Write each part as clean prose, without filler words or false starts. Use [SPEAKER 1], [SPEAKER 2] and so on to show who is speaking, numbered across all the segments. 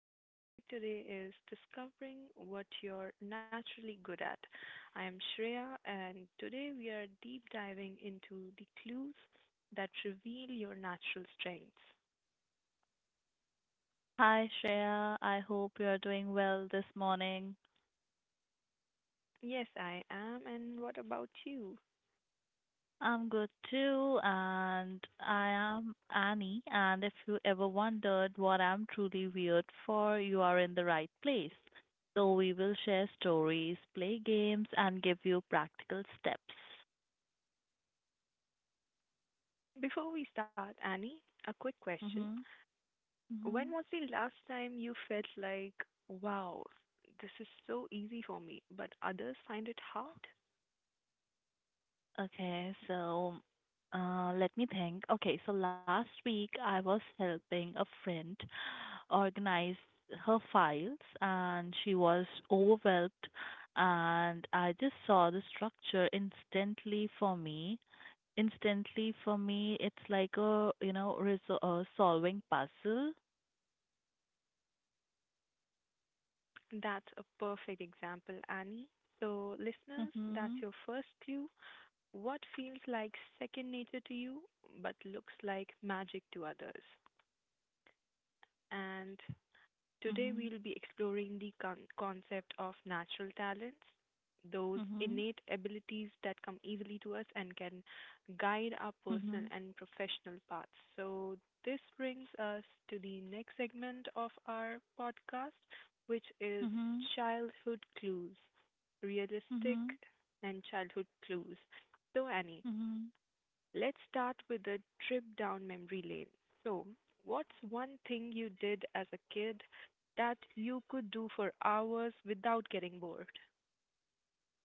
[SPEAKER 1] And the topic today is discovering what you're naturally good at. I am Shreya, and today we are deep diving into the clues that reveal your natural strengths.
[SPEAKER 2] Hi, Shreya. I hope you're doing well this morning.
[SPEAKER 1] Yes, I am. And what about you?
[SPEAKER 2] I'm good too, and I am Annie. And if you ever wondered what I'm truly weird for, you are in the right place. So, we will share stories, play games, and give you practical steps.
[SPEAKER 1] Before we start, Annie, a quick question.
[SPEAKER 2] Mm-hmm.
[SPEAKER 1] When
[SPEAKER 2] Mm-hmm.
[SPEAKER 1] was the last time you felt like, wow, this is so easy for me, but others find it hard?
[SPEAKER 2] Okay, so Let me think. Okay, so last week I was helping a friend organize her files and she was overwhelmed and I just saw the structure instantly for me. Instantly for me, it's like a, you know, resol- solving puzzle.
[SPEAKER 1] That's a perfect example, Annie. So, listeners, that's
[SPEAKER 2] Mhm.
[SPEAKER 1] your first clue. What feels like second nature to you but looks like magic to others? And today,
[SPEAKER 2] Mhm.
[SPEAKER 1] we'll be exploring the concept of natural talents, those
[SPEAKER 2] Mhm.
[SPEAKER 1] innate abilities that come easily to us and can guide our personal
[SPEAKER 2] Mhm.
[SPEAKER 1] and professional paths. So, this brings us to the next segment of our podcast, which is
[SPEAKER 2] Mhm.
[SPEAKER 1] childhood clues, realistic
[SPEAKER 2] Mhm.
[SPEAKER 1] and childhood clues. So, Annie,
[SPEAKER 2] Mhm.
[SPEAKER 1] let's start with a trip down memory lane. So, what's one thing you did as a kid that you could do for hours without getting bored?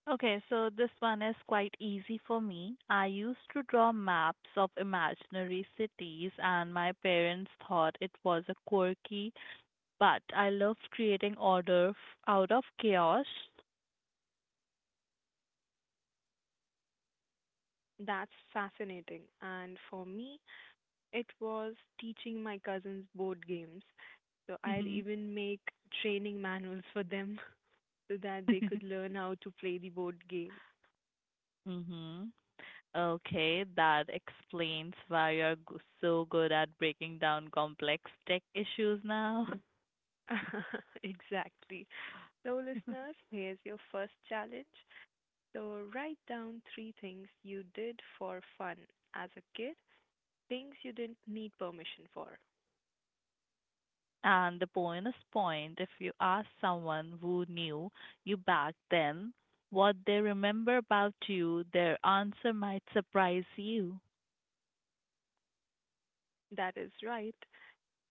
[SPEAKER 2] Okay, so this one is quite easy for me. I used to draw maps of imaginary cities, and my parents thought it was a quirky, but I loved creating order out of chaos.
[SPEAKER 1] That's fascinating. And for me, it was teaching my cousins board games. So, I'd
[SPEAKER 2] Mhm.
[SPEAKER 1] even make training manuals for them so that they could learn how to play the board game.
[SPEAKER 2] Mhm. Okay, that explains why you're so good at breaking down complex tech issues now.
[SPEAKER 1] Exactly. So, listeners, here's your first challenge. So write down three things you did for fun as a kid, things you didn't need permission for.
[SPEAKER 2] And the bonus point if you ask someone who knew you back then what they remember about you, their answer might surprise you.
[SPEAKER 1] That is right.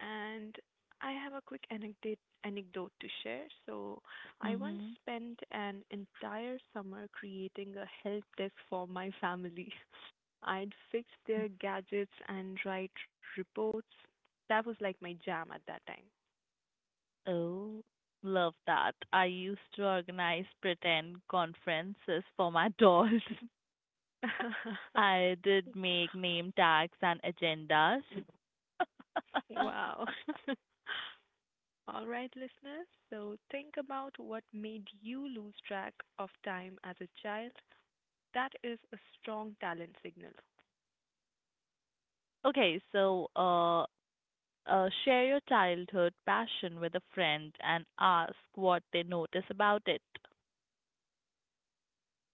[SPEAKER 1] And I have a quick anecdote to share. So I once
[SPEAKER 2] hmm
[SPEAKER 1] spent an entire summer creating a help desk for my family. I'd fix their gadgets and write reports. That was like my jam at that
[SPEAKER 2] Oh, love that. I used to organize pretend conferences for my dolls.
[SPEAKER 1] time.
[SPEAKER 2] I did make name tags and agendas.
[SPEAKER 1] Wow. All right, listeners. So think about what made you lose track of time as a child. That is a strong talent signal.
[SPEAKER 2] Okay, so uh, Share your childhood passion with a friend and ask what they notice about it.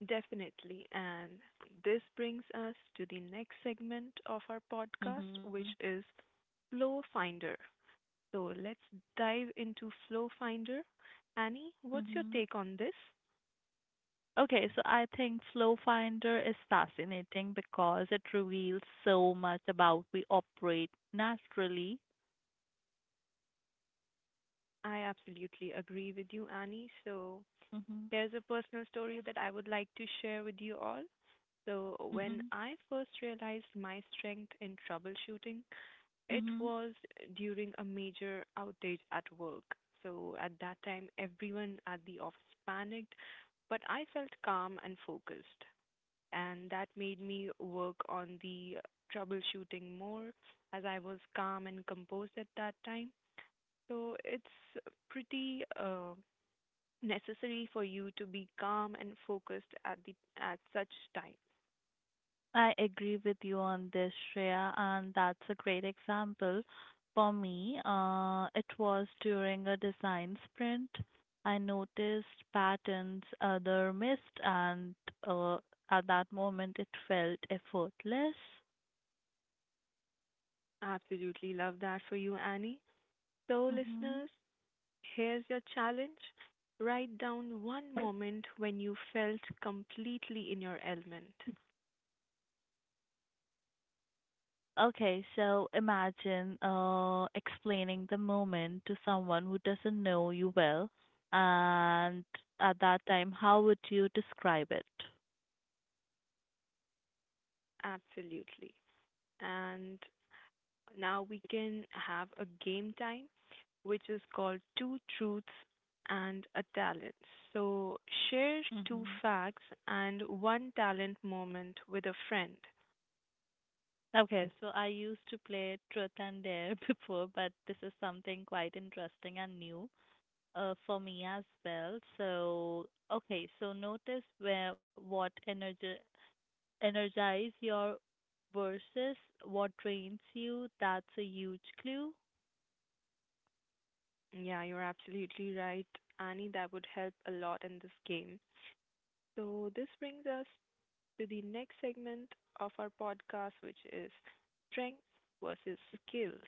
[SPEAKER 1] Definitely. And this brings us to the next segment of our podcast,
[SPEAKER 2] Mhm.
[SPEAKER 1] which is Flow Finder. So let's dive into Flow Finder. Annie, what's your
[SPEAKER 2] Mhm.
[SPEAKER 1] take on this?
[SPEAKER 2] Okay, so I think Flow Finder is fascinating because it reveals so much about we operate naturally.
[SPEAKER 1] I absolutely agree with you, Annie. So
[SPEAKER 2] Mhm.
[SPEAKER 1] there's a personal story that I would like to share with you all. So, when
[SPEAKER 2] Mhm.
[SPEAKER 1] I first realized my strength in troubleshooting, it
[SPEAKER 2] Mhm.
[SPEAKER 1] was during a major outage at work. So, at that time, everyone at the office panicked, but I felt calm and focused. And that made me work on the troubleshooting more as I was calm and composed at that time. So, it's pretty necessary for you to be calm and focused at such times.
[SPEAKER 2] I agree with you on this, Shreya, and that's a great example. For me, it was during a design sprint. I noticed patterns other missed, and uh, at that moment, it felt effortless.
[SPEAKER 1] Absolutely love that for you, Annie. So,
[SPEAKER 2] hmm
[SPEAKER 1] listeners, here's your challenge. Write down one moment when you felt completely in your element.
[SPEAKER 2] Imagine explaining the moment to someone who doesn't know you well, and at that time, how would you describe it?
[SPEAKER 1] Absolutely. And now we can have a game time, which is called Two Truths and a Talent. So, share
[SPEAKER 2] Mm-hmm.
[SPEAKER 1] two facts and one talent moment with a friend.
[SPEAKER 2] Okay, so I used to play Truth and Dare before, but this is something quite interesting and new for me as well. So, notice where what energize your versus what drains you. That's a huge clue.
[SPEAKER 1] Yeah, you're absolutely right, Annie. That would help a lot in this game. So, this brings us to the next segment of our podcast, which is strengths versus skills.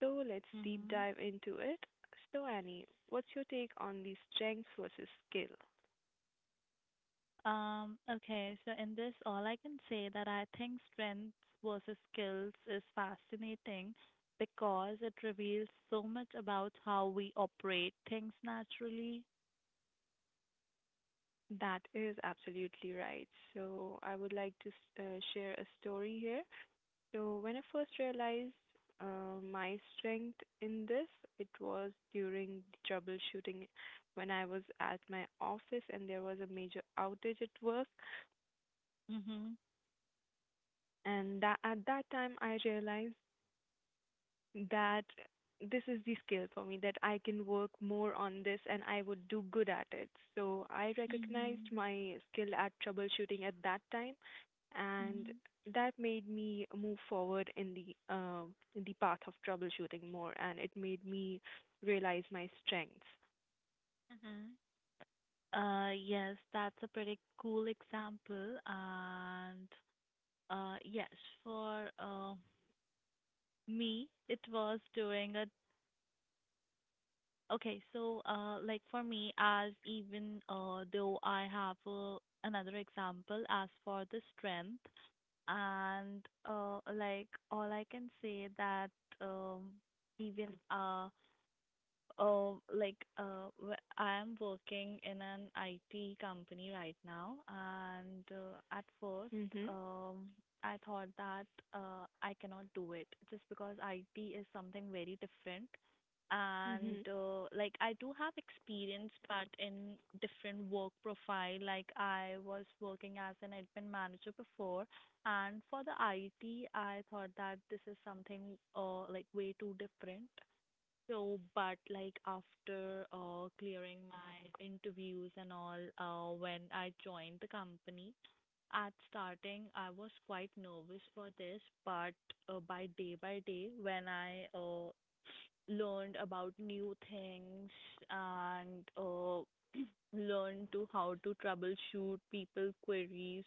[SPEAKER 1] So, let's deep
[SPEAKER 2] Mm-hmm.
[SPEAKER 1] dive into it. So, Annie, what's your take on the strengths versus skill?
[SPEAKER 2] Okay, so in this, all I can say that I think strengths versus skills is fascinating because it reveals so much about how we operate things naturally.
[SPEAKER 1] That is absolutely right. So, I would like to share a story here. So when I first realized my strength in this, it was during the troubleshooting when I was at my office and there was a major outage at work.
[SPEAKER 2] Mm-hmm.
[SPEAKER 1] And that, at that time, I realized that this is the skill for me that I can work more on this and I would do good at it. So I
[SPEAKER 2] Mm-hmm.
[SPEAKER 1] recognized my skill at troubleshooting at that time, and
[SPEAKER 2] Mm-hmm.
[SPEAKER 1] that made me move forward in the path of troubleshooting more, and it made me realize my strengths.
[SPEAKER 2] Mm-hmm. Yes, that's a pretty cool example. And Yes, for me, it was during a like for me, as even though I have another example as for the strength, and like all I can say that um, even uh, I am working in an IT company right now, and at first,
[SPEAKER 1] Mhm.
[SPEAKER 2] um, I thought that I cannot do it just because IT is something very different. And
[SPEAKER 1] Mhm.
[SPEAKER 2] Like I do have experience, but in different work profile. Like I was working as an admin manager before, and for the IT, I thought that this is something like way too different so, but like after clearing my interviews and all, when I joined the company, at starting I was quite nervous for this, but by day by day, when I learned about new things and learned to how to troubleshoot people queries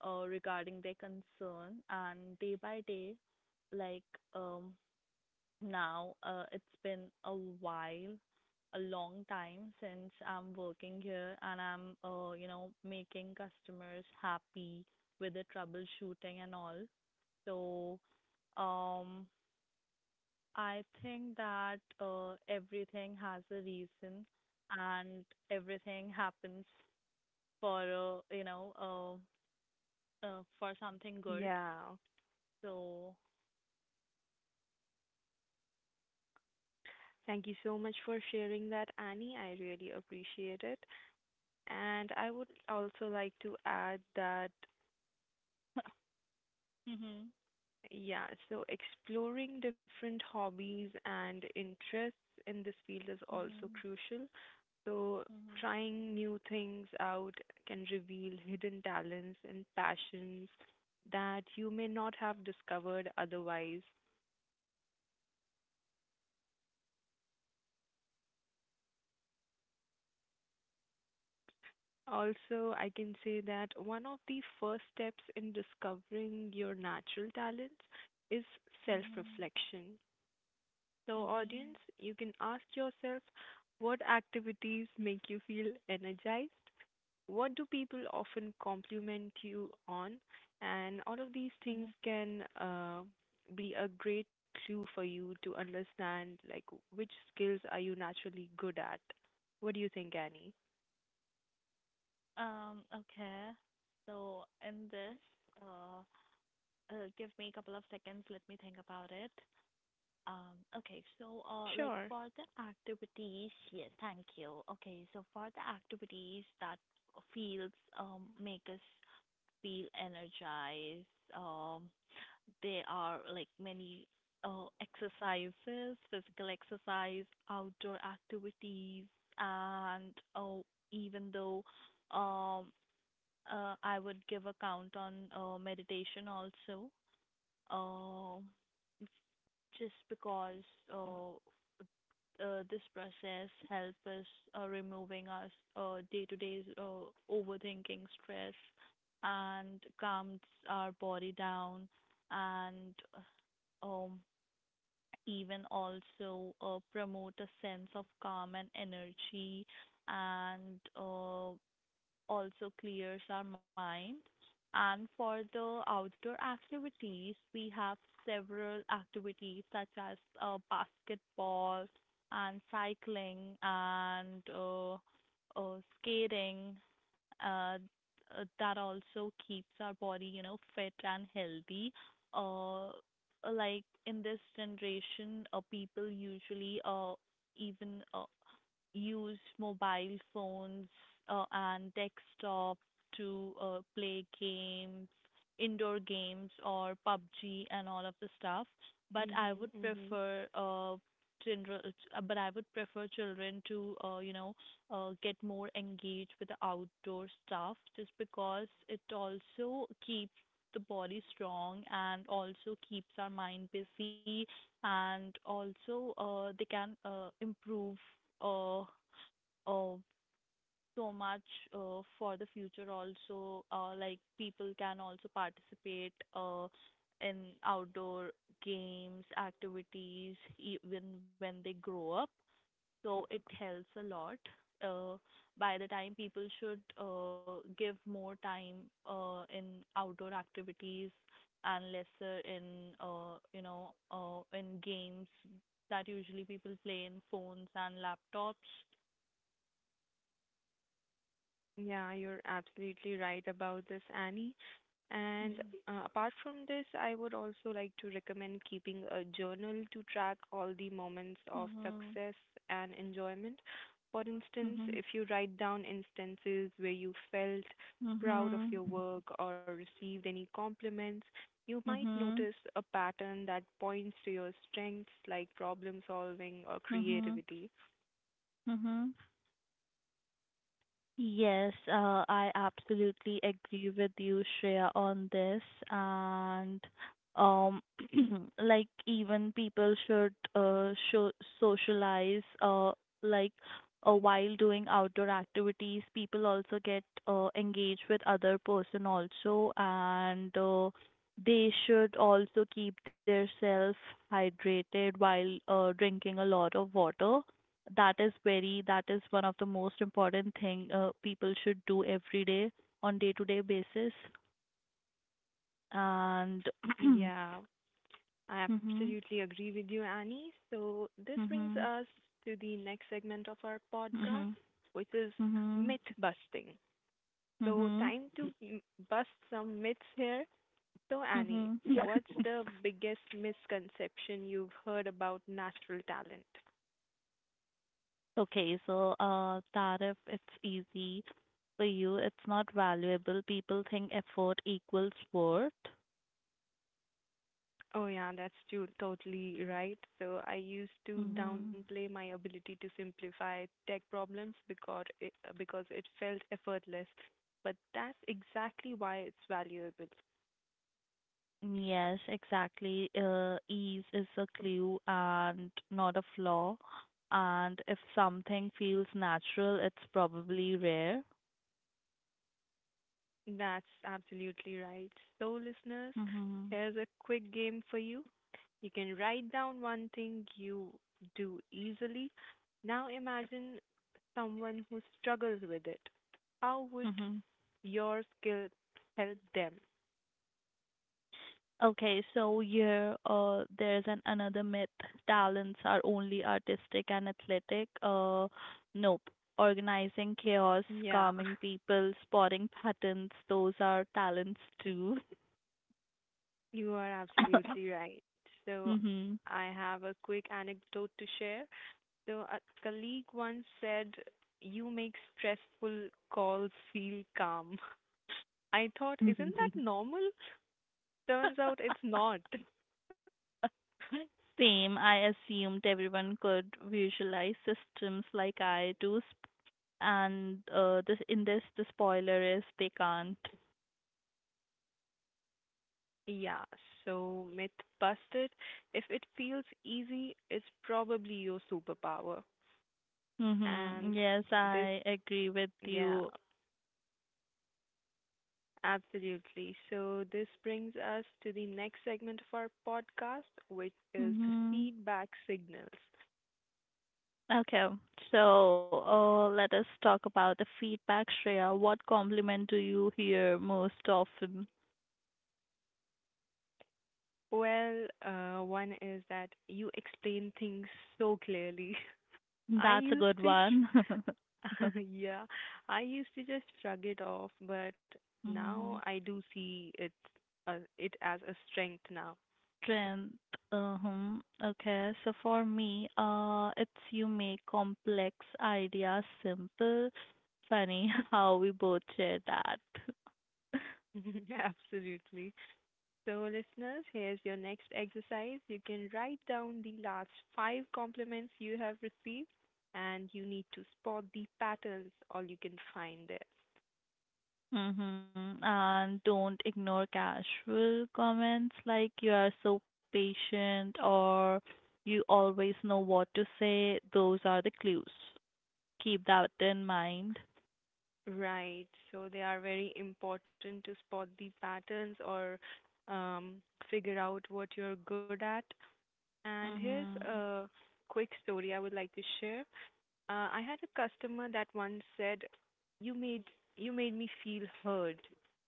[SPEAKER 2] regarding their concern, and day by day, like um now. It's been a while, a long time since I'm working here and I'm making customers happy with the troubleshooting and all. So, um, I think that everything has a reason and everything happens for, uh, you know, uh, for something good.
[SPEAKER 1] Yeah.
[SPEAKER 2] So,
[SPEAKER 1] Thank you so much for sharing that, Annie. I really appreciate it. And I would also like to add that
[SPEAKER 2] mhm,
[SPEAKER 1] yeah, so exploring different hobbies and interests in this field is also
[SPEAKER 2] mhm,
[SPEAKER 1] crucial. So
[SPEAKER 2] mhm,
[SPEAKER 1] trying new things out can reveal hidden talents and passions that you may not have discovered otherwise. Also, I can say that one of the first steps in discovering your natural talents is
[SPEAKER 2] mhm,
[SPEAKER 1] self-reflection. So,
[SPEAKER 2] mhm,
[SPEAKER 1] audience, you can ask yourself what activities make you feel energized? What do people often compliment you on? And all of these
[SPEAKER 2] mhm.
[SPEAKER 1] things can be a great clue for you to understand like which skills are you naturally good at. What do you think, Annie?
[SPEAKER 2] Okay. So in this, uh, Give me a couple of seconds. Let me think about it. Okay. Like
[SPEAKER 1] Sure.
[SPEAKER 2] for the activities, yes, thank you. Okay. So for the activities that feels make us feel energized, um, they are like many exercises, physical exercise, outdoor activities, and oh, even though um I would give a count on meditation also, uh, just because uh, this process helps us removing us day-to-day overthinking, stress, and calms our body down, and um, even also promote a sense of calm and energy, and also clears our mind. And for the outdoor activities, we have several activities such as basketball and cycling and skating uh, that also keeps our body fit and healthy. Uh, like in this generation, people usually even use mobile phones and desktop to play games, indoor games or PUBG and all of the stuff. But I
[SPEAKER 1] Mm-hmm,
[SPEAKER 2] would
[SPEAKER 1] mm-hmm.
[SPEAKER 2] prefer general, but I would prefer children to get more engaged with the outdoor stuff, just because it also keeps the body strong and also keeps our mind busy and also they can improve uh, uh, so much for the future also like people can also participate in outdoor games activities even when they grow up so it helps a lot. Uh, by the time people should give more time in outdoor activities and lesser in in games that usually people play in phones and laptops.
[SPEAKER 1] Yeah, you're absolutely right about this, Annie. And
[SPEAKER 2] Mhm.
[SPEAKER 1] apart from this, I would also like to recommend keeping a journal to track all the moments of
[SPEAKER 2] Mhm.
[SPEAKER 1] success and enjoyment. For instance,
[SPEAKER 2] Mhm.
[SPEAKER 1] if you write down instances where you felt proud of
[SPEAKER 2] Mhm.
[SPEAKER 1] your work or received any compliments, you might
[SPEAKER 2] Mhm.
[SPEAKER 1] notice a pattern that points to your strengths like problem solving or
[SPEAKER 2] Mhm.
[SPEAKER 1] creativity.
[SPEAKER 2] Mhm. Yes, I absolutely agree with you, Shreya, on this. And um, like even people should show socialize like while doing outdoor activities. People also get engaged with other person also, and they should also keep their self hydrated while drinking a lot of water that is one of the most important thing people should do every day on day to day basis and
[SPEAKER 1] Yeah, I
[SPEAKER 2] mhm
[SPEAKER 1] absolutely agree with you, Annie. So this brings
[SPEAKER 2] mhm
[SPEAKER 1] us to the next segment of our podcast,
[SPEAKER 2] mhm
[SPEAKER 1] which is
[SPEAKER 2] mhm
[SPEAKER 1] myth busting.
[SPEAKER 2] mhm
[SPEAKER 1] So
[SPEAKER 2] mhm
[SPEAKER 1] time to bust some myths here. So Annie,
[SPEAKER 2] mhm
[SPEAKER 1] what's the biggest misconception you've heard about natural talent?
[SPEAKER 2] okay, so tariff it's easy for you it's not valuable people think effort equals worth.
[SPEAKER 1] Oh yeah, that's too totally right. So I used to
[SPEAKER 2] Mhm.
[SPEAKER 1] downplay my ability to simplify tech problems because it felt effortless, but that's exactly why it's valuable.
[SPEAKER 2] Yes, exactly. Ease is a clue and not a flaw. And if something feels natural, it's probably rare.
[SPEAKER 1] That's absolutely right. So, listeners,
[SPEAKER 2] Mm-hmm.
[SPEAKER 1] there's a quick game for you. You can write down one thing you do easily. Now, imagine someone who struggles with it. How would
[SPEAKER 2] Mm-hmm.
[SPEAKER 1] your skill help them?
[SPEAKER 2] Okay, so here there's an another myth. Talents are only artistic and athletic. Nope. Organizing chaos,
[SPEAKER 1] Yeah,
[SPEAKER 2] calming people, spotting patterns, those are talents too.
[SPEAKER 1] you are absolutely right. So,
[SPEAKER 2] Mm-hmm.
[SPEAKER 1] I have a quick anecdote to share. So, a colleague once said, "You make stressful calls feel calm." I thought, isn't that normal? Turns out it's not.
[SPEAKER 2] Same, I assumed everyone could visualize systems like I do, sp- and this in this the spoiler is they can't.
[SPEAKER 1] Yeah, so myth busted. If it feels easy, it's probably your superpower.
[SPEAKER 2] Mm-hmm.
[SPEAKER 1] And
[SPEAKER 2] Yes,
[SPEAKER 1] this,
[SPEAKER 2] I agree with
[SPEAKER 1] yeah,
[SPEAKER 2] you.
[SPEAKER 1] absolutely. So this brings us to the next segment of our podcast, which is
[SPEAKER 2] Mm-hmm.
[SPEAKER 1] feedback signals.
[SPEAKER 2] Okay, so let us talk about the feedback, Shreya. What compliment do you hear most often?
[SPEAKER 1] Well, one is that you explain things so clearly. I
[SPEAKER 2] That's a
[SPEAKER 1] used
[SPEAKER 2] good
[SPEAKER 1] to
[SPEAKER 2] one.
[SPEAKER 1] yeah, I used to just shrug it off, but now
[SPEAKER 2] Mm-hmm.
[SPEAKER 1] I do see it as a strength now.
[SPEAKER 2] Strength. Uh-huh. Okay. So for me, it's you make complex ideas simple. Funny how we both share that.
[SPEAKER 1] Absolutely. So, listeners, here's your next exercise. You can write down the last five compliments you have received, and you need to spot the patterns, all you can find there.
[SPEAKER 2] Mm-hmm. And don't ignore casual comments like you are so patient or you always know what to say. Those are the clues. Keep that in mind.
[SPEAKER 1] Right. So they are very important to spot the patterns or um, figure out what you're good at. And here's
[SPEAKER 2] Mm-hmm.
[SPEAKER 1] a quick story I would like to share. I had a customer that once said, "You made you made me feel heard,"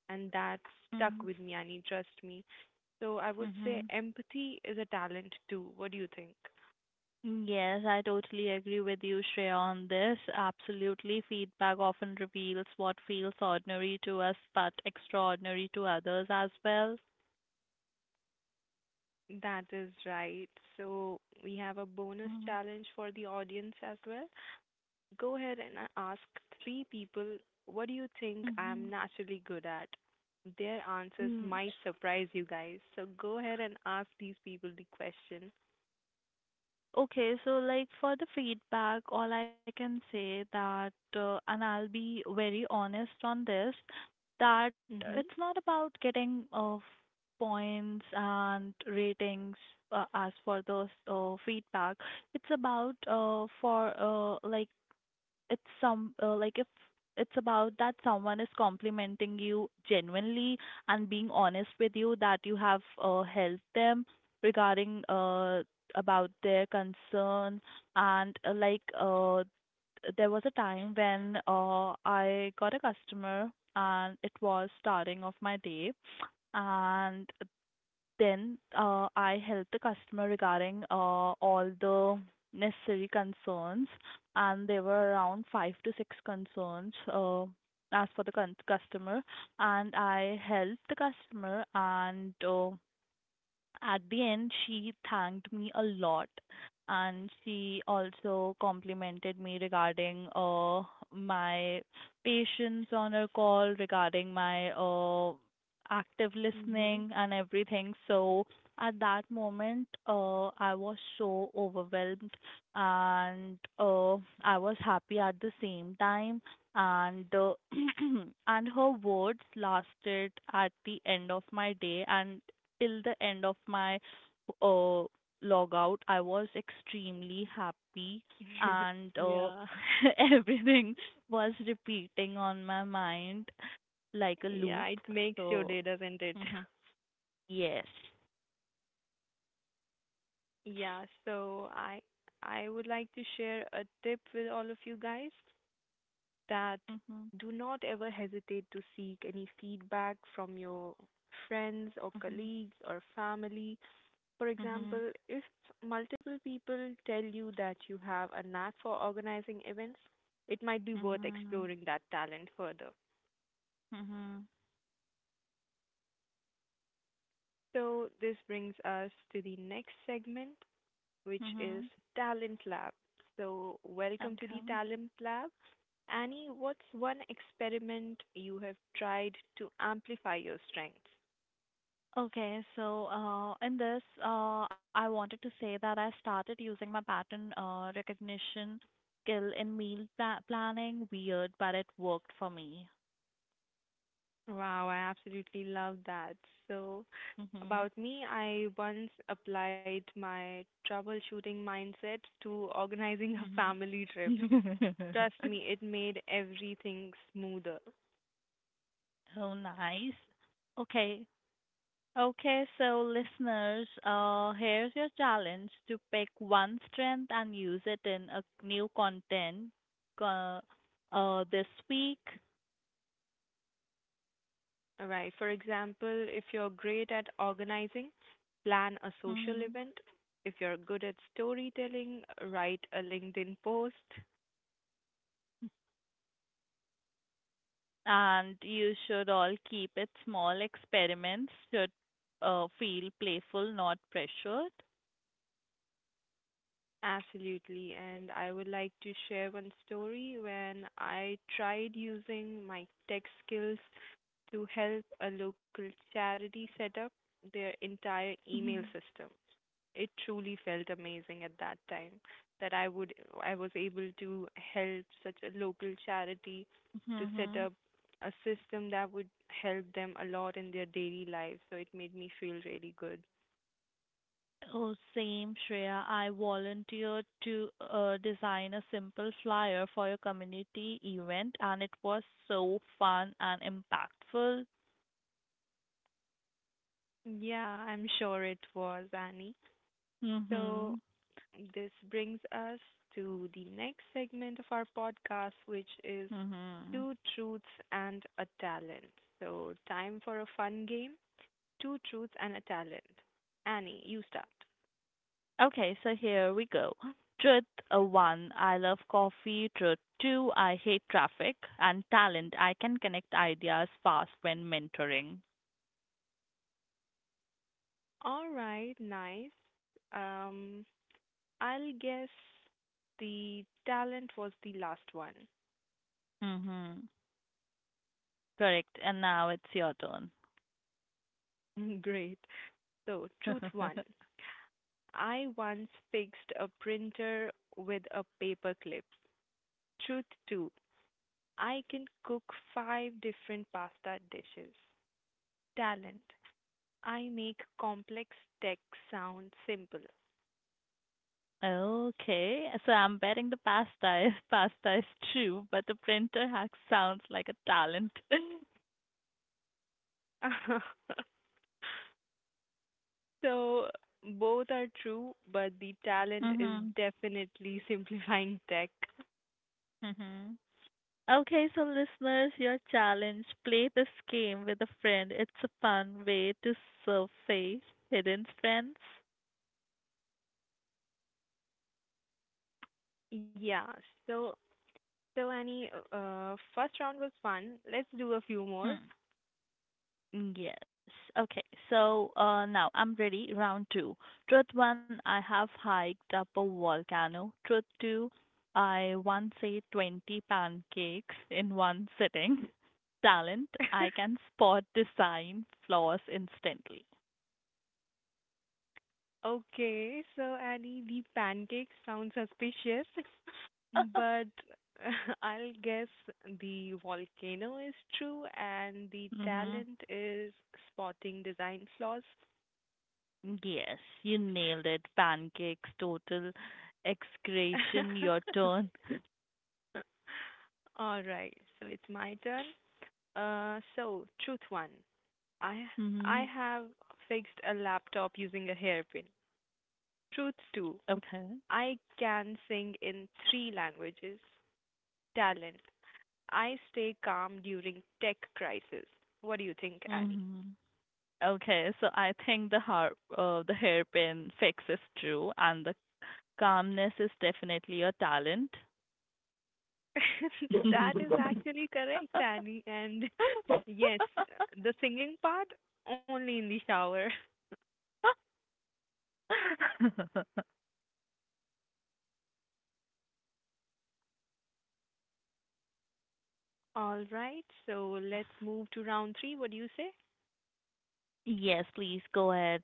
[SPEAKER 1] and that stuck
[SPEAKER 2] Mm-hmm.
[SPEAKER 1] with me. And he trust me. So I would say
[SPEAKER 2] Mm-hmm.
[SPEAKER 1] empathy is a talent too. What do you think?
[SPEAKER 2] Yes, I totally agree with you, Shreya, on this. Absolutely. Feedback often reveals what feels ordinary to us, but extraordinary to others as well.
[SPEAKER 1] That is right. So we have a bonus
[SPEAKER 2] Mm-hmm.
[SPEAKER 1] challenge for the audience as well. Go ahead and ask three people, what do you think
[SPEAKER 2] Mm-hmm.
[SPEAKER 1] I'm naturally good at? Their answers
[SPEAKER 2] Mm.
[SPEAKER 1] might surprise you guys. So go ahead and ask these people the question.
[SPEAKER 2] Okay, so like for the feedback, all I can say that, and I'll be very honest on this, that it's
[SPEAKER 1] Mm-hmm.
[SPEAKER 2] not about getting points and ratings as for those feedback. It's about for like it's some like if It's about that someone is complimenting you genuinely and being honest with you that you have helped them regarding about their concern and there was a time when I got a customer and it was starting of my day and then I help the customer regarding all the necessary concerns, and there were around five to six concerns as for the customer, and I helped the customer and at the end she thanked me a lot and she also complimented me regarding my patience on her call regarding my active
[SPEAKER 1] Mm-hmm.
[SPEAKER 2] listening and everything so at that moment I was so overwhelmed and I was happy at the same time and and her words lasted at the end of my day and till the end of my uh, logout, I was extremely happy and
[SPEAKER 1] Yeah.
[SPEAKER 2] everything was repeating on my mind like a
[SPEAKER 1] Yeah,
[SPEAKER 2] loop.
[SPEAKER 1] it makes your
[SPEAKER 2] So,
[SPEAKER 1] day, doesn't it?
[SPEAKER 2] hmm yes.
[SPEAKER 1] Yeah, so I would like to share a tip with all of you guys that
[SPEAKER 2] hmm
[SPEAKER 1] do not ever hesitate to seek any feedback from your friends or
[SPEAKER 2] hmm
[SPEAKER 1] colleagues or family. For
[SPEAKER 2] hmm
[SPEAKER 1] example, if multiple people tell you that you have a knack for organizing events, it might be worth
[SPEAKER 2] hmm
[SPEAKER 1] exploring that talent further.
[SPEAKER 2] hmm
[SPEAKER 1] So, this brings us to the next segment, which is
[SPEAKER 2] hmm
[SPEAKER 1] Talent Lab. So, welcome to the
[SPEAKER 2] Okay.
[SPEAKER 1] Talent Lab. Annie, what's one experiment you have tried to amplify your strengths?
[SPEAKER 2] Okay, so I wanted to say that I started using my pattern recognition skill in meal pla planning. Weird, but it worked for me.
[SPEAKER 1] Wow, I absolutely love that. So,
[SPEAKER 2] Mhm.
[SPEAKER 1] about me, I once applied my troubleshooting mindset to organizing a family trip.
[SPEAKER 2] Mhm.
[SPEAKER 1] Trust me, it made everything smoother.
[SPEAKER 2] Oh, nice. Okay. Okay, so, listeners, here's your challenge to pick one strength and use it in a new content uh, this week.
[SPEAKER 1] All right. For example, if you're great at organizing, plan a social
[SPEAKER 2] Mhm.
[SPEAKER 1] event. If you're good at storytelling, write a LinkedIn post.
[SPEAKER 2] And you should all keep it small. Experiments should feel playful, not pressured.
[SPEAKER 1] Absolutely. And I would like to share one story when I tried using my tech skills to help a local charity set up their entire email
[SPEAKER 2] Mhm.
[SPEAKER 1] system. It truly felt amazing at that time that I was able to help such a local charity to set
[SPEAKER 2] Mhm.
[SPEAKER 1] up a system that would help them a lot in their daily life. So it made me feel really good.
[SPEAKER 2] Oh, same, Shreya. I volunteered to design a simple flyer for your community event, and it was so fun and impactful.
[SPEAKER 1] Yeah, I'm sure it was, Annie. So
[SPEAKER 2] Mhm.
[SPEAKER 1] this brings us to the next segment of our podcast, which is
[SPEAKER 2] Mhm.
[SPEAKER 1] Two Truths and a Talent. So, time for a fun game, Two Truths and a Talent. Annie, you start.
[SPEAKER 2] Okay, so here we go. Truth one, I love coffee. Truth two, I hate traffic. And talent, I can connect ideas fast when mentoring.
[SPEAKER 1] All right, nice. Um, I'll guess the talent was the last one.
[SPEAKER 2] Mm-hmm. Correct. And now it's your turn.
[SPEAKER 1] Great. So, truth one, I once fixed a printer with a paperclip. Truth two, I can cook five different pasta dishes. Talent, I make complex tech sound simple.
[SPEAKER 2] Okay, so I'm betting the pasta is pasta is true, but the printer hack sounds like a talent.
[SPEAKER 1] So both are true, but the talent is
[SPEAKER 2] Mm-hmm.
[SPEAKER 1] definitely simplifying tech.
[SPEAKER 2] Mm-hmm. Okay, so listeners, your challenge play this game with a friend. It's a fun way to surface hidden strengths.
[SPEAKER 1] Yeah. So so Annie, first round was fun. Let's do a few more.
[SPEAKER 2] Hmm. Yes. Okay. So now I'm ready. Round two. Truth one, I have hiked up a volcano. Truth two, I once ate 20 pancakes in one sitting. Talent, I can spot design flaws instantly.
[SPEAKER 1] Okay, so Annie, the pancake sounds suspicious, but I'll guess the volcano is true and the
[SPEAKER 2] hmm
[SPEAKER 1] talent is spotting design flaws.
[SPEAKER 2] Yes, you nailed it. Pancakes, total excretion, your turn.
[SPEAKER 1] All right, so it's my turn. So truth one, I
[SPEAKER 2] Mm-hmm.
[SPEAKER 1] I have fixed a laptop using a hairpin. Truth two,
[SPEAKER 2] Okay.
[SPEAKER 1] I can sing in three languages. Talent, I stay calm during tech crisis. What do you think, Annie?
[SPEAKER 2] Mm-hmm. Okay, so I think the har the hairpin fix is true, and the calmness is definitely a talent.
[SPEAKER 1] That is actually correct, Annie. And yes, the singing part only in the shower. All right, so let's move to round three. What do you say?
[SPEAKER 2] Yes, please go ahead.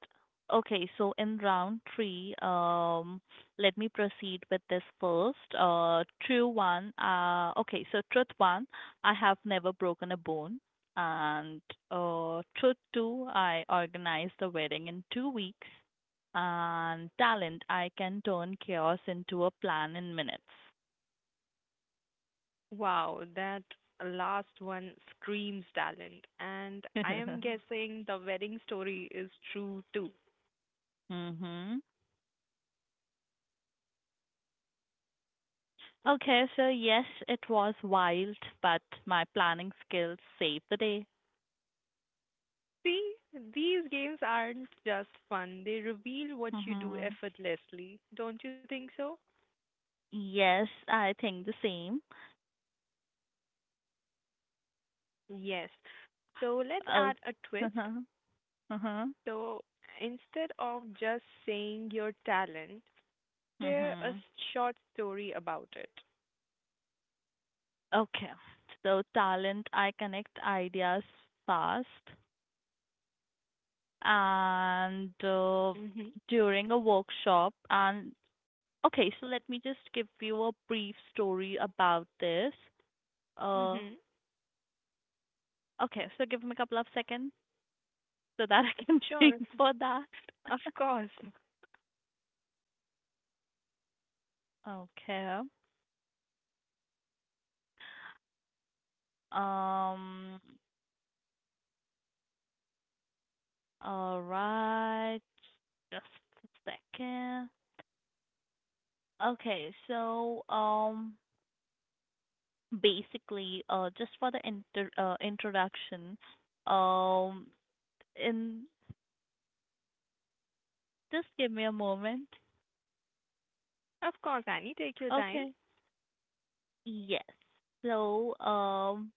[SPEAKER 2] Okay, so in round three, let me proceed with this first. True one. Okay, so truth one, I have never broken a bone, and truth two, I organized the wedding in 2 weeks, and talent, I can turn chaos into a plan in minutes.
[SPEAKER 1] Wow, that last one screams talent. And I am guessing the wedding story is true too.
[SPEAKER 2] Mm-hmm. Okay, so yes, it was wild, but my planning skills saved the day.
[SPEAKER 1] See, these games aren't just fun, they reveal what you do
[SPEAKER 2] Mhm.
[SPEAKER 1] effortlessly. Don't you think so?
[SPEAKER 2] Yes, I think the same.
[SPEAKER 1] Yes. So let's add
[SPEAKER 2] Oh.
[SPEAKER 1] a twist.
[SPEAKER 2] Uh-huh. Uh-huh.
[SPEAKER 1] So instead of just saying your talent, share a
[SPEAKER 2] Mhm.
[SPEAKER 1] short story about it.
[SPEAKER 2] Okay. So talent, I connect ideas fast, and
[SPEAKER 1] Mhm.
[SPEAKER 2] during a workshop, and okay, so let me just give you a brief story about this. Uh,
[SPEAKER 1] Mhm.
[SPEAKER 2] okay, so give me a couple of seconds so that I can
[SPEAKER 1] Sure.
[SPEAKER 2] think for that.
[SPEAKER 1] Of course.
[SPEAKER 2] Okay. Um, All right. Just a second. Okay, so basically just for the introduction, um in just give me a moment.
[SPEAKER 1] Of course, Annie, take your
[SPEAKER 2] Okay.
[SPEAKER 1] time.
[SPEAKER 2] Yes. So um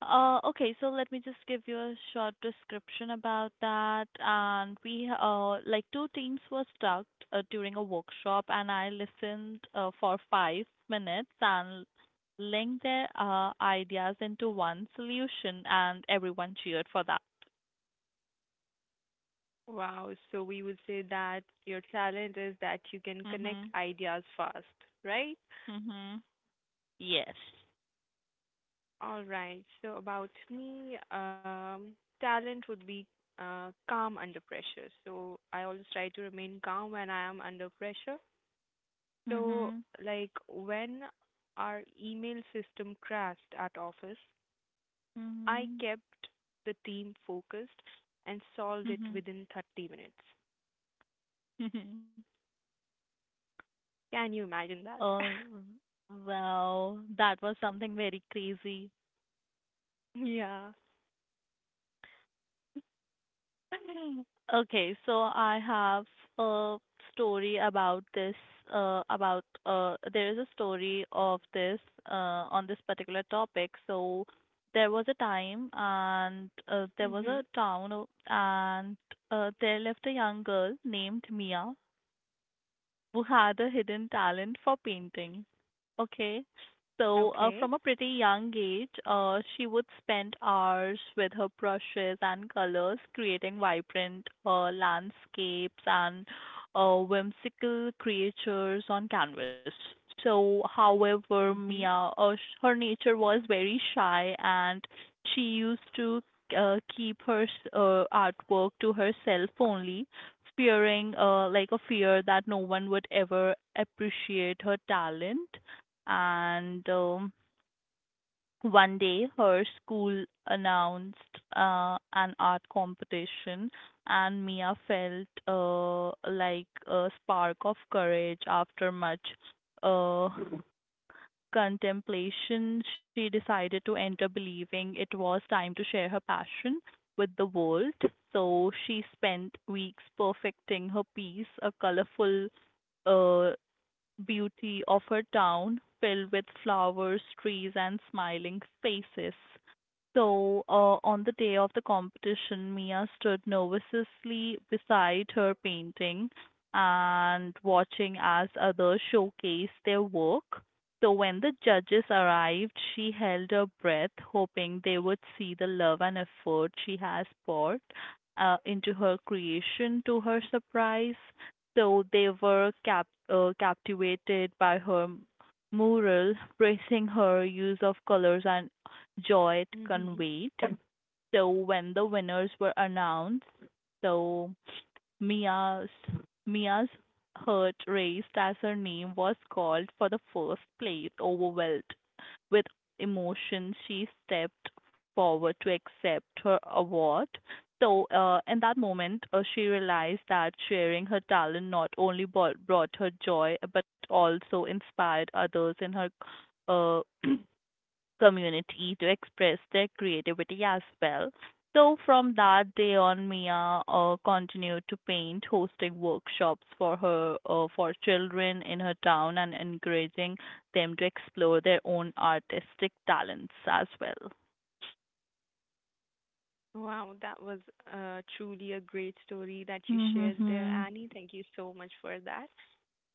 [SPEAKER 2] Uh, okay, so let me just give you a short description about that. And we, like two teams were stuck during a workshop, and I listened for 5 minutes and linked their ideas into one solution, and everyone cheered for that.
[SPEAKER 1] Wow. So we would say that your talent is that you can connect
[SPEAKER 2] Mhm.
[SPEAKER 1] ideas fast, right?
[SPEAKER 2] Mhm. Yes.
[SPEAKER 1] All right. So about me, talent would be calm under pressure. So I always try to remain calm when I am under pressure. So,
[SPEAKER 2] Mhm.
[SPEAKER 1] like, when our email system crashed at office, I
[SPEAKER 2] Mhm.
[SPEAKER 1] kept the team focused and solved it
[SPEAKER 2] Mhm.
[SPEAKER 1] within 30 minutes.
[SPEAKER 2] Mhm.
[SPEAKER 1] Can you imagine that?
[SPEAKER 2] Oh, wow, that was something very crazy.
[SPEAKER 1] Yeah.
[SPEAKER 2] Okay, so I have a story about this, there is a story of this, on this particular topic. So there was a time and there was a
[SPEAKER 1] Mhm.
[SPEAKER 2] and there lived a young girl named Mia who had a hidden talent for painting. Okay. So,
[SPEAKER 1] Okay.
[SPEAKER 2] from a pretty young age, she would spend hours with her brushes and colors, creating vibrant landscapes and whimsical creatures on canvas. So, however,
[SPEAKER 1] Mhm.
[SPEAKER 2] Her nature was very shy, and she used to keep her artwork to herself only fearing like a fear that no one would ever appreciate her talent and one day her school announced an art competition and mia felt like a spark of courage after much uh, contemplation, she decided to enter, believing it was time to share her passion with the world. So she spent weeks perfecting her piece, a colorful uh, beauty of her town filled with flowers, trees, and smiling faces. So, on the day of the competition, Mia stood nervously beside her painting and watching as others showcased their work. So, when the judges arrived, she held her breath, hoping they would see the love and effort she has poured into her creation to her surprise. So they were captivated by her mural, praising her use of colors and joy it
[SPEAKER 1] Mhm.
[SPEAKER 2] conveyed. So when the winners were announced, so Mia's Mia's heart raced as her name was called for the first place. Overwhelmed with emotion, she stepped forward to accept her award. So, in that moment, she realized that sharing her talent not only brought her joy but also inspired others in her uh, community to express their creativity as well. So from that day on, Mia continued to paint, hosting workshops for her for children in her town and encouraging them to explore their own artistic talents as well.
[SPEAKER 1] Wow, that was truly a great story that you shared there,
[SPEAKER 2] Mhm.
[SPEAKER 1] Annie. Thank you so much for that.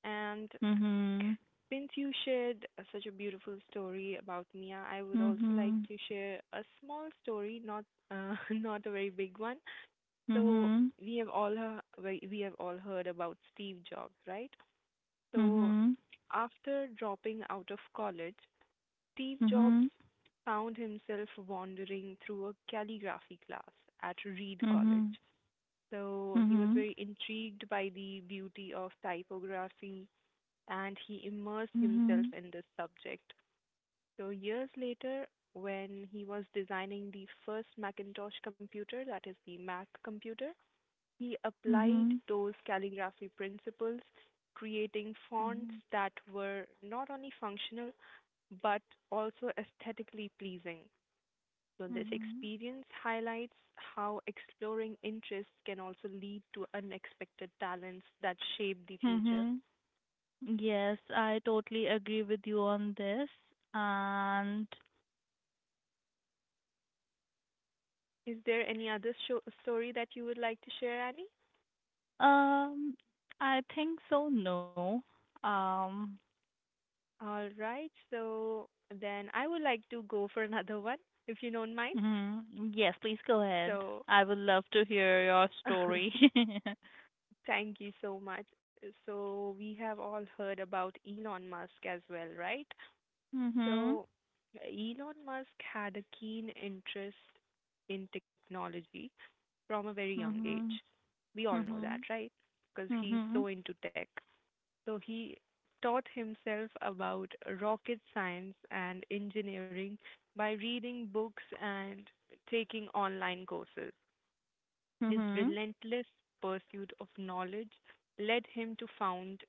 [SPEAKER 1] And
[SPEAKER 2] Mhm.
[SPEAKER 1] since you shared such a beautiful story about Mia, I would also like
[SPEAKER 2] Mhm.
[SPEAKER 1] to share a small story, not not a very big one. So
[SPEAKER 2] Mhm.
[SPEAKER 1] we have all heard about Steve Jobs, right? So
[SPEAKER 2] Mhm.
[SPEAKER 1] after dropping out of college, Steve Jobs
[SPEAKER 2] Mhm.
[SPEAKER 1] found himself wandering through a calligraphy class at Reed College. So he was
[SPEAKER 2] Mhm.
[SPEAKER 1] very intrigued by the beauty of typography, and he immersed himself
[SPEAKER 2] Mhm.
[SPEAKER 1] in this subject. So years later, when he was designing the first Macintosh computer, that is the Mac computer, he
[SPEAKER 2] Mhm. Mhm.
[SPEAKER 1] applied those calligraphy principles, creating fonts
[SPEAKER 2] Mhm.
[SPEAKER 1] that were not only functional but also aesthetically pleasing. So this
[SPEAKER 2] Mhm.
[SPEAKER 1] experience highlights how exploring interests can also lead to unexpected talents that shape the future.
[SPEAKER 2] Mhm. Yes, I totally agree with you on this. And
[SPEAKER 1] Is there any other story that you would like to share, Annie?
[SPEAKER 2] um I think so, no. Um
[SPEAKER 1] All right. So then I would like to go for another one, if you don't mind.
[SPEAKER 2] mhm. Yes, please go ahead.
[SPEAKER 1] So
[SPEAKER 2] I would love to hear your story.
[SPEAKER 1] thank you so much. So we have all heard about Elon Musk as well, right?
[SPEAKER 2] Mhm.
[SPEAKER 1] So Elon Musk had a keen interest in technology from a very young age.
[SPEAKER 2] Mhm.
[SPEAKER 1] We all know that,
[SPEAKER 2] Mhm.
[SPEAKER 1] right? Because he's
[SPEAKER 2] Mhm.
[SPEAKER 1] so into tech. So he taught himself about rocket science and engineering by reading books and taking online courses. His
[SPEAKER 2] Mhm.
[SPEAKER 1] relentless pursuit of knowledge led him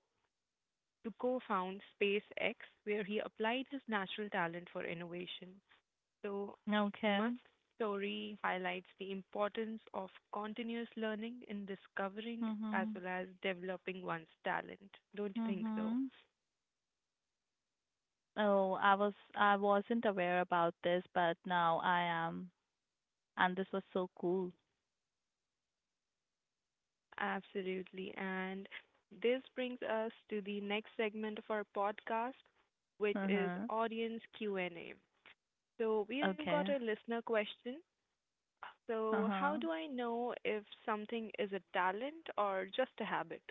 [SPEAKER 1] to co-found SpaceX, where he applied his natural talent for innovation. So,
[SPEAKER 2] Okay.
[SPEAKER 1] Must's story highlights the importance of continuous learning in discovering as
[SPEAKER 2] Mhm.
[SPEAKER 1] well as developing one's talent. Don't you think so?
[SPEAKER 2] Mhm. Oh, I was I wasn't aware about this, but now I am. And this was so cool.
[SPEAKER 1] Absolutely. And this brings us to the next segment of our podcast, which is
[SPEAKER 2] Mhm.
[SPEAKER 1] audience Q&A. So we've
[SPEAKER 2] Okay.
[SPEAKER 1] got a listener question. So how
[SPEAKER 2] Uh-huh.
[SPEAKER 1] do I know if something is a talent or just a habit?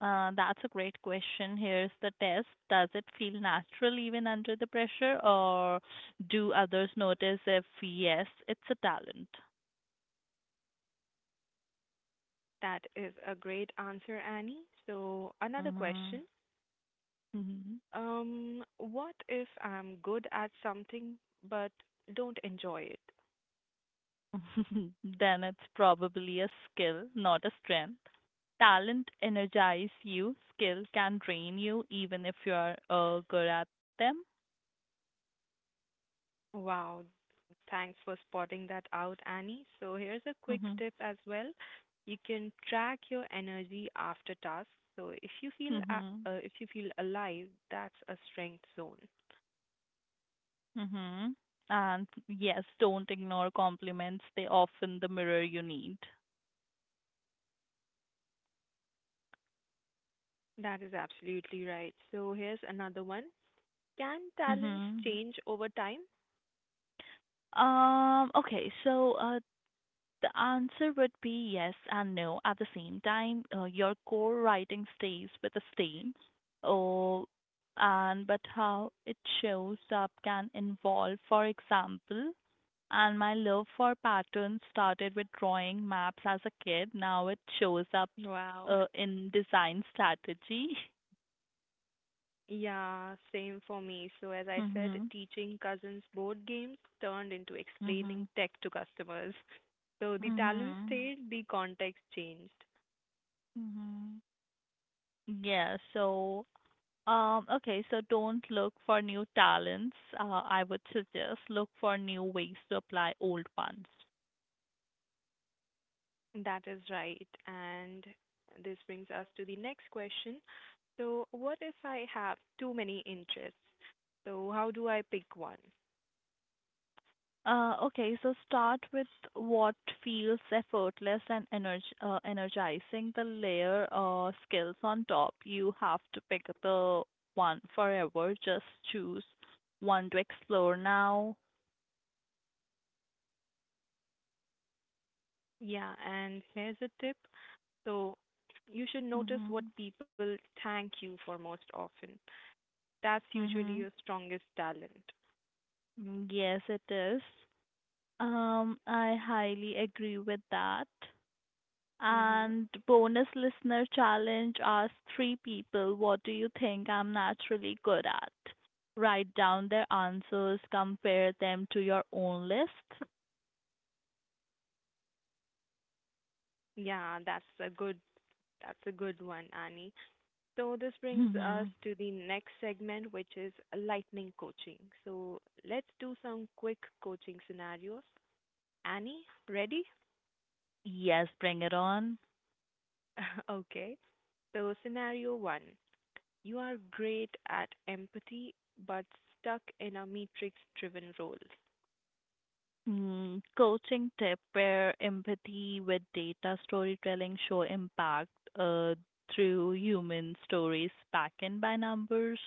[SPEAKER 2] That's a great question. Here's the test. Does it feel natural even under the pressure, or do others notice if yes, it's a talent?
[SPEAKER 1] That is a great answer, Annie. So another
[SPEAKER 2] Hmm.
[SPEAKER 1] question.
[SPEAKER 2] Hmm.
[SPEAKER 1] What if I'm good at something but don't enjoy it?
[SPEAKER 2] then it's probably a skill, not a strength. Talent energize you, skill can drain you even if you are good at them.
[SPEAKER 1] Wow, thanks for spotting that out, Annie. So, here's a quick
[SPEAKER 2] Mhm.
[SPEAKER 1] tip as well. You can track your energy after tasks. So, if you feel a-
[SPEAKER 2] Mhm.
[SPEAKER 1] uh, if you feel alive, that's a strength zone.
[SPEAKER 2] Mhm. And yes, don't ignore compliments. They often the mirror you need.
[SPEAKER 1] That is absolutely right. So, here's another one. Can talents
[SPEAKER 2] Mhm.
[SPEAKER 1] change over time?
[SPEAKER 2] Okay, the answer would be yes and no at the same time. Your core writing stays with the same, oh, and but how it shows up can involve, for example, and my love for patterns started with drawing maps as a kid. Now it shows up
[SPEAKER 1] Wow.
[SPEAKER 2] in design strategy.
[SPEAKER 1] Yeah, same for me. So as I said,
[SPEAKER 2] Mhm.
[SPEAKER 1] teaching cousins board games turned into explaining
[SPEAKER 2] Mhm.
[SPEAKER 1] tech to customers. So the talent
[SPEAKER 2] Mhm.
[SPEAKER 1] stayed, the context changed.
[SPEAKER 2] Mhm. Yeah, so okay, so don't look for new talents. I would suggest look for new ways to apply old ones.
[SPEAKER 1] That is right. And this brings us to the next question. So what if I have too many interests? So how do I pick one?
[SPEAKER 2] Okay, so start with what feels effortless and energizing the layer skills on top. You have to pick the one forever. Just choose one to explore now.
[SPEAKER 1] Yeah, and here's a tip. So you should notice what
[SPEAKER 2] Mhm.
[SPEAKER 1] people thank you for most often. That's usually
[SPEAKER 2] Mhm.
[SPEAKER 1] your strongest talent.
[SPEAKER 2] Mm, yes, it is. I highly agree with that.
[SPEAKER 1] Mm-hmm.
[SPEAKER 2] And bonus listener challenge asks three people, what do you think I'm naturally good at? Write down their answers, compare them to your own list.
[SPEAKER 1] Yeah, that's a good one, Annie. So this brings us
[SPEAKER 2] Hmm.
[SPEAKER 1] to the next segment, which is lightning coaching. So let's do some quick coaching scenarios. Annie, ready?
[SPEAKER 2] Yes, bring it on.
[SPEAKER 1] Okay. So scenario one, you are great at empathy but stuck in a matrix-driven role.
[SPEAKER 2] Mm, coaching tip pair empathy with data storytelling show impact uh, through human stories back in by numbers.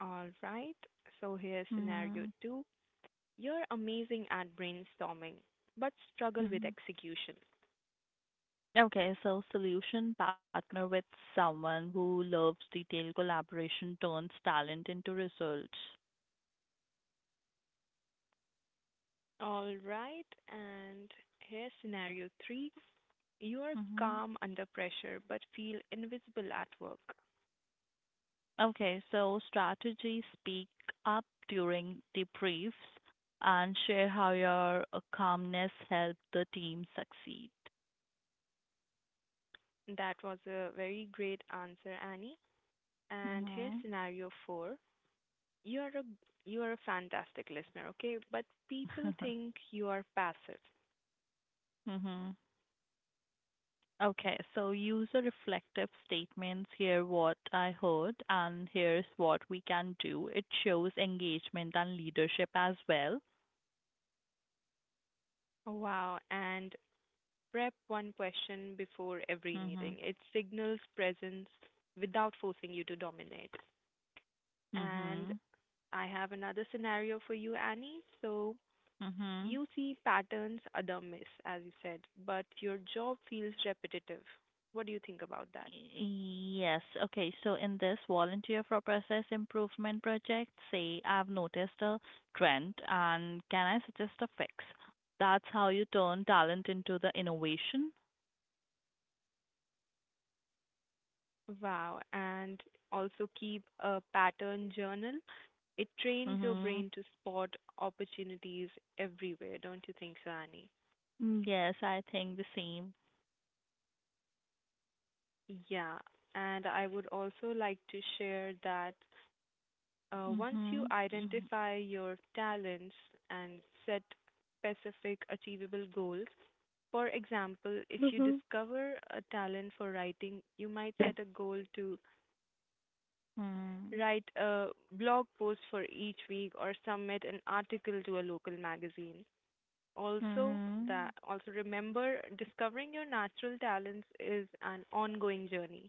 [SPEAKER 1] All right. So here's scenario
[SPEAKER 2] Mm-hmm.
[SPEAKER 1] two. You're amazing at brainstorming but struggle with execution.
[SPEAKER 2] Okay, so solution partner with someone who loves detailed collaboration turns talent into results.
[SPEAKER 1] All right. And here's scenario three. You are
[SPEAKER 2] Hmm.
[SPEAKER 1] calm under pressure but feel invisible at work.
[SPEAKER 2] Okay, so strategy speak up during debriefs and share how your calmness helped the team succeed.
[SPEAKER 1] That was a very great answer, Annie. And here's
[SPEAKER 2] Hmm.
[SPEAKER 1] scenario four. You are a you are a fantastic listener, okay? But people think you are passive.
[SPEAKER 2] hmm. Okay, so user reflective statements. Here, what I heard, and here's what we can do. It shows engagement and leadership as well.
[SPEAKER 1] Oh, wow. And prep one question before every
[SPEAKER 2] Mhm.
[SPEAKER 1] meeting. It signals presence without forcing you to dominate. And
[SPEAKER 2] Mhm.
[SPEAKER 1] I have another scenario for you, Annie. So
[SPEAKER 2] Mhm.
[SPEAKER 1] you see patterns other miss, as you said, but your job feels repetitive. What do you think about that?
[SPEAKER 2] Yes. Okay. So in this volunteer for process improvement project, say I've noticed a trend and can I suggest a fix? That's how you turn talent into the innovation.
[SPEAKER 1] Wow. And also keep a pattern journal. It trains your
[SPEAKER 2] Mhm.
[SPEAKER 1] brain to spot opportunities everywhere, don't you think so, Annie?
[SPEAKER 2] Mm, yes, I think the same.
[SPEAKER 1] Yeah. And I would also like to share that once you
[SPEAKER 2] Mhm. Mhm.
[SPEAKER 1] identify your talents and set specific achievable goals. For example, if you
[SPEAKER 2] Mm-hmm.
[SPEAKER 1] discover a talent for writing, you might set a goal to
[SPEAKER 2] Mhm.
[SPEAKER 1] write a blog post for each week or submit an article to a local magazine. Also, that also remember, discovering your natural talents is an ongoing journey.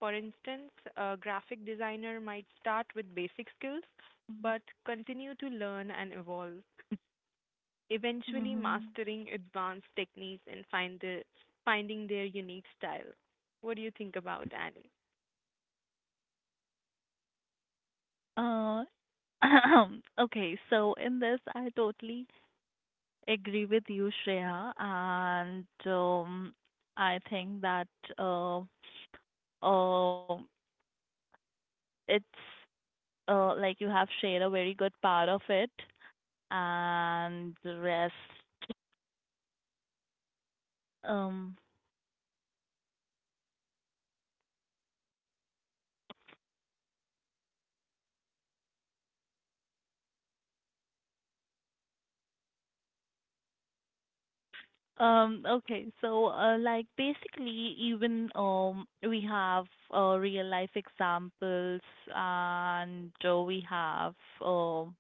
[SPEAKER 1] For instance, a graphic designer might start with basic skills
[SPEAKER 2] Mhm.
[SPEAKER 1] but continue to learn and evolve, eventually
[SPEAKER 2] Mhm.
[SPEAKER 1] mastering advanced techniques and finding their unique style. What do you think about Annie?
[SPEAKER 2] Uh, okay, so in this, I totally agree with you, Shreya, and I think that uh, uh, it's like you have shared a very good part of it, and the rest. Um, okay, like basically, even we have real life examples, and we have um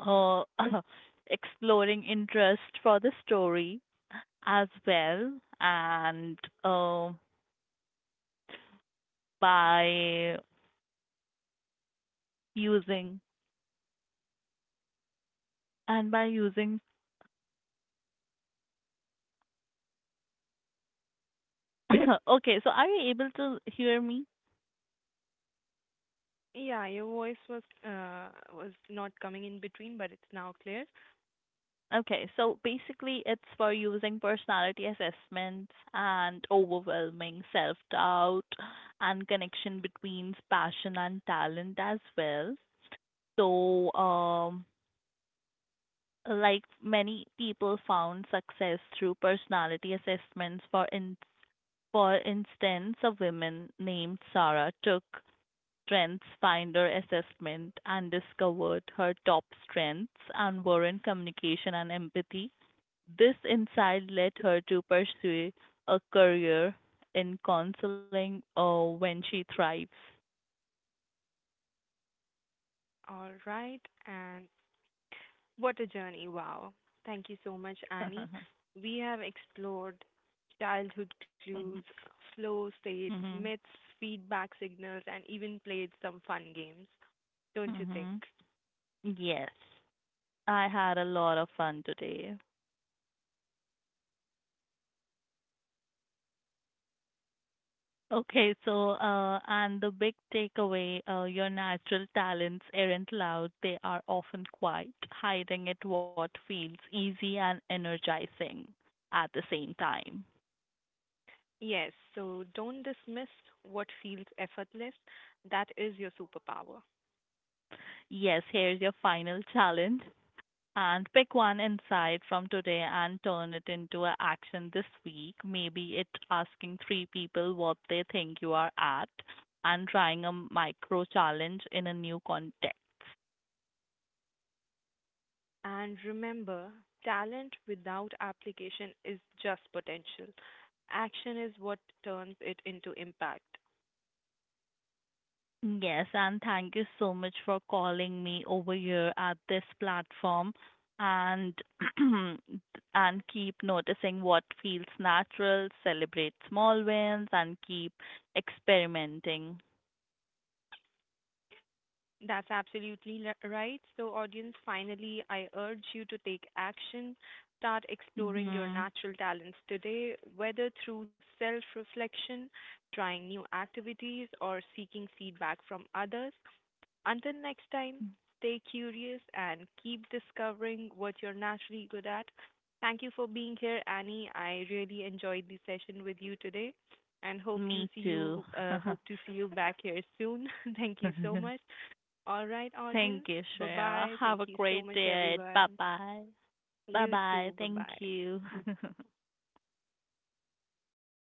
[SPEAKER 2] uh, exploring interest for the story as well and uh, by using and by using okay so are you able to hear me
[SPEAKER 1] Yeah, your voice was not coming in between, but it's now clear.
[SPEAKER 2] okay so basically it's for using personality assessments and overwhelming self doubt and connection between passion and talent as well so like many people found success through personality assessments for instance a woman named Sarah took strengths finder assessment and discovered her top strengths and were in communication and empathy. This insight led her to pursue a career in counseling when she thrives.
[SPEAKER 1] All right, and what a journey. Wow. Thank you so much, Annie. We have explored childhood
[SPEAKER 2] hmm.
[SPEAKER 1] clues, flow states, myths, feedback signals, and even played some fun games, don't you think?
[SPEAKER 2] Hmm. Yes, I had a lot of fun today. Okay, and the big takeaway, your natural talents aren't loud, they are often quiet, hiding at what feels easy and energizing at the same time.
[SPEAKER 1] Yes, so don't dismiss what feels effortless. That is your superpower.
[SPEAKER 2] Yes, here's your final challenge. And pick one insight from today and turn it into an action this week. Maybe it's asking three people what they think you are at and trying a micro challenge in a new context.
[SPEAKER 1] And remember, talent without application is just potential. Action is what turns it into impact.
[SPEAKER 2] Yes, and thank you so much for calling me over here at this platform and and keep noticing what feels natural, celebrate small wins and keep experimenting.
[SPEAKER 1] That's absolutely right. So, audience, finally, I urge you to take action. Start exploring your
[SPEAKER 2] Mhm.
[SPEAKER 1] natural talents today, whether through self reflection, trying new activities, or seeking feedback from others. Until next time, stay curious and keep discovering what you're naturally good at. Thank you for being here, Annie. I really enjoyed the session with you today, and
[SPEAKER 2] Me too.
[SPEAKER 1] hope to see you back here soon. Thank you so much. All right, audience.
[SPEAKER 2] Thank you,
[SPEAKER 1] Bye
[SPEAKER 2] Shreya.
[SPEAKER 1] bye.
[SPEAKER 2] Have
[SPEAKER 1] Thank
[SPEAKER 2] a
[SPEAKER 1] you so
[SPEAKER 2] great
[SPEAKER 1] much,
[SPEAKER 2] day. Bye
[SPEAKER 1] everyone.
[SPEAKER 2] bye. Bye
[SPEAKER 1] You
[SPEAKER 2] bye.
[SPEAKER 1] too. Bye
[SPEAKER 2] Thank
[SPEAKER 1] bye.
[SPEAKER 2] you.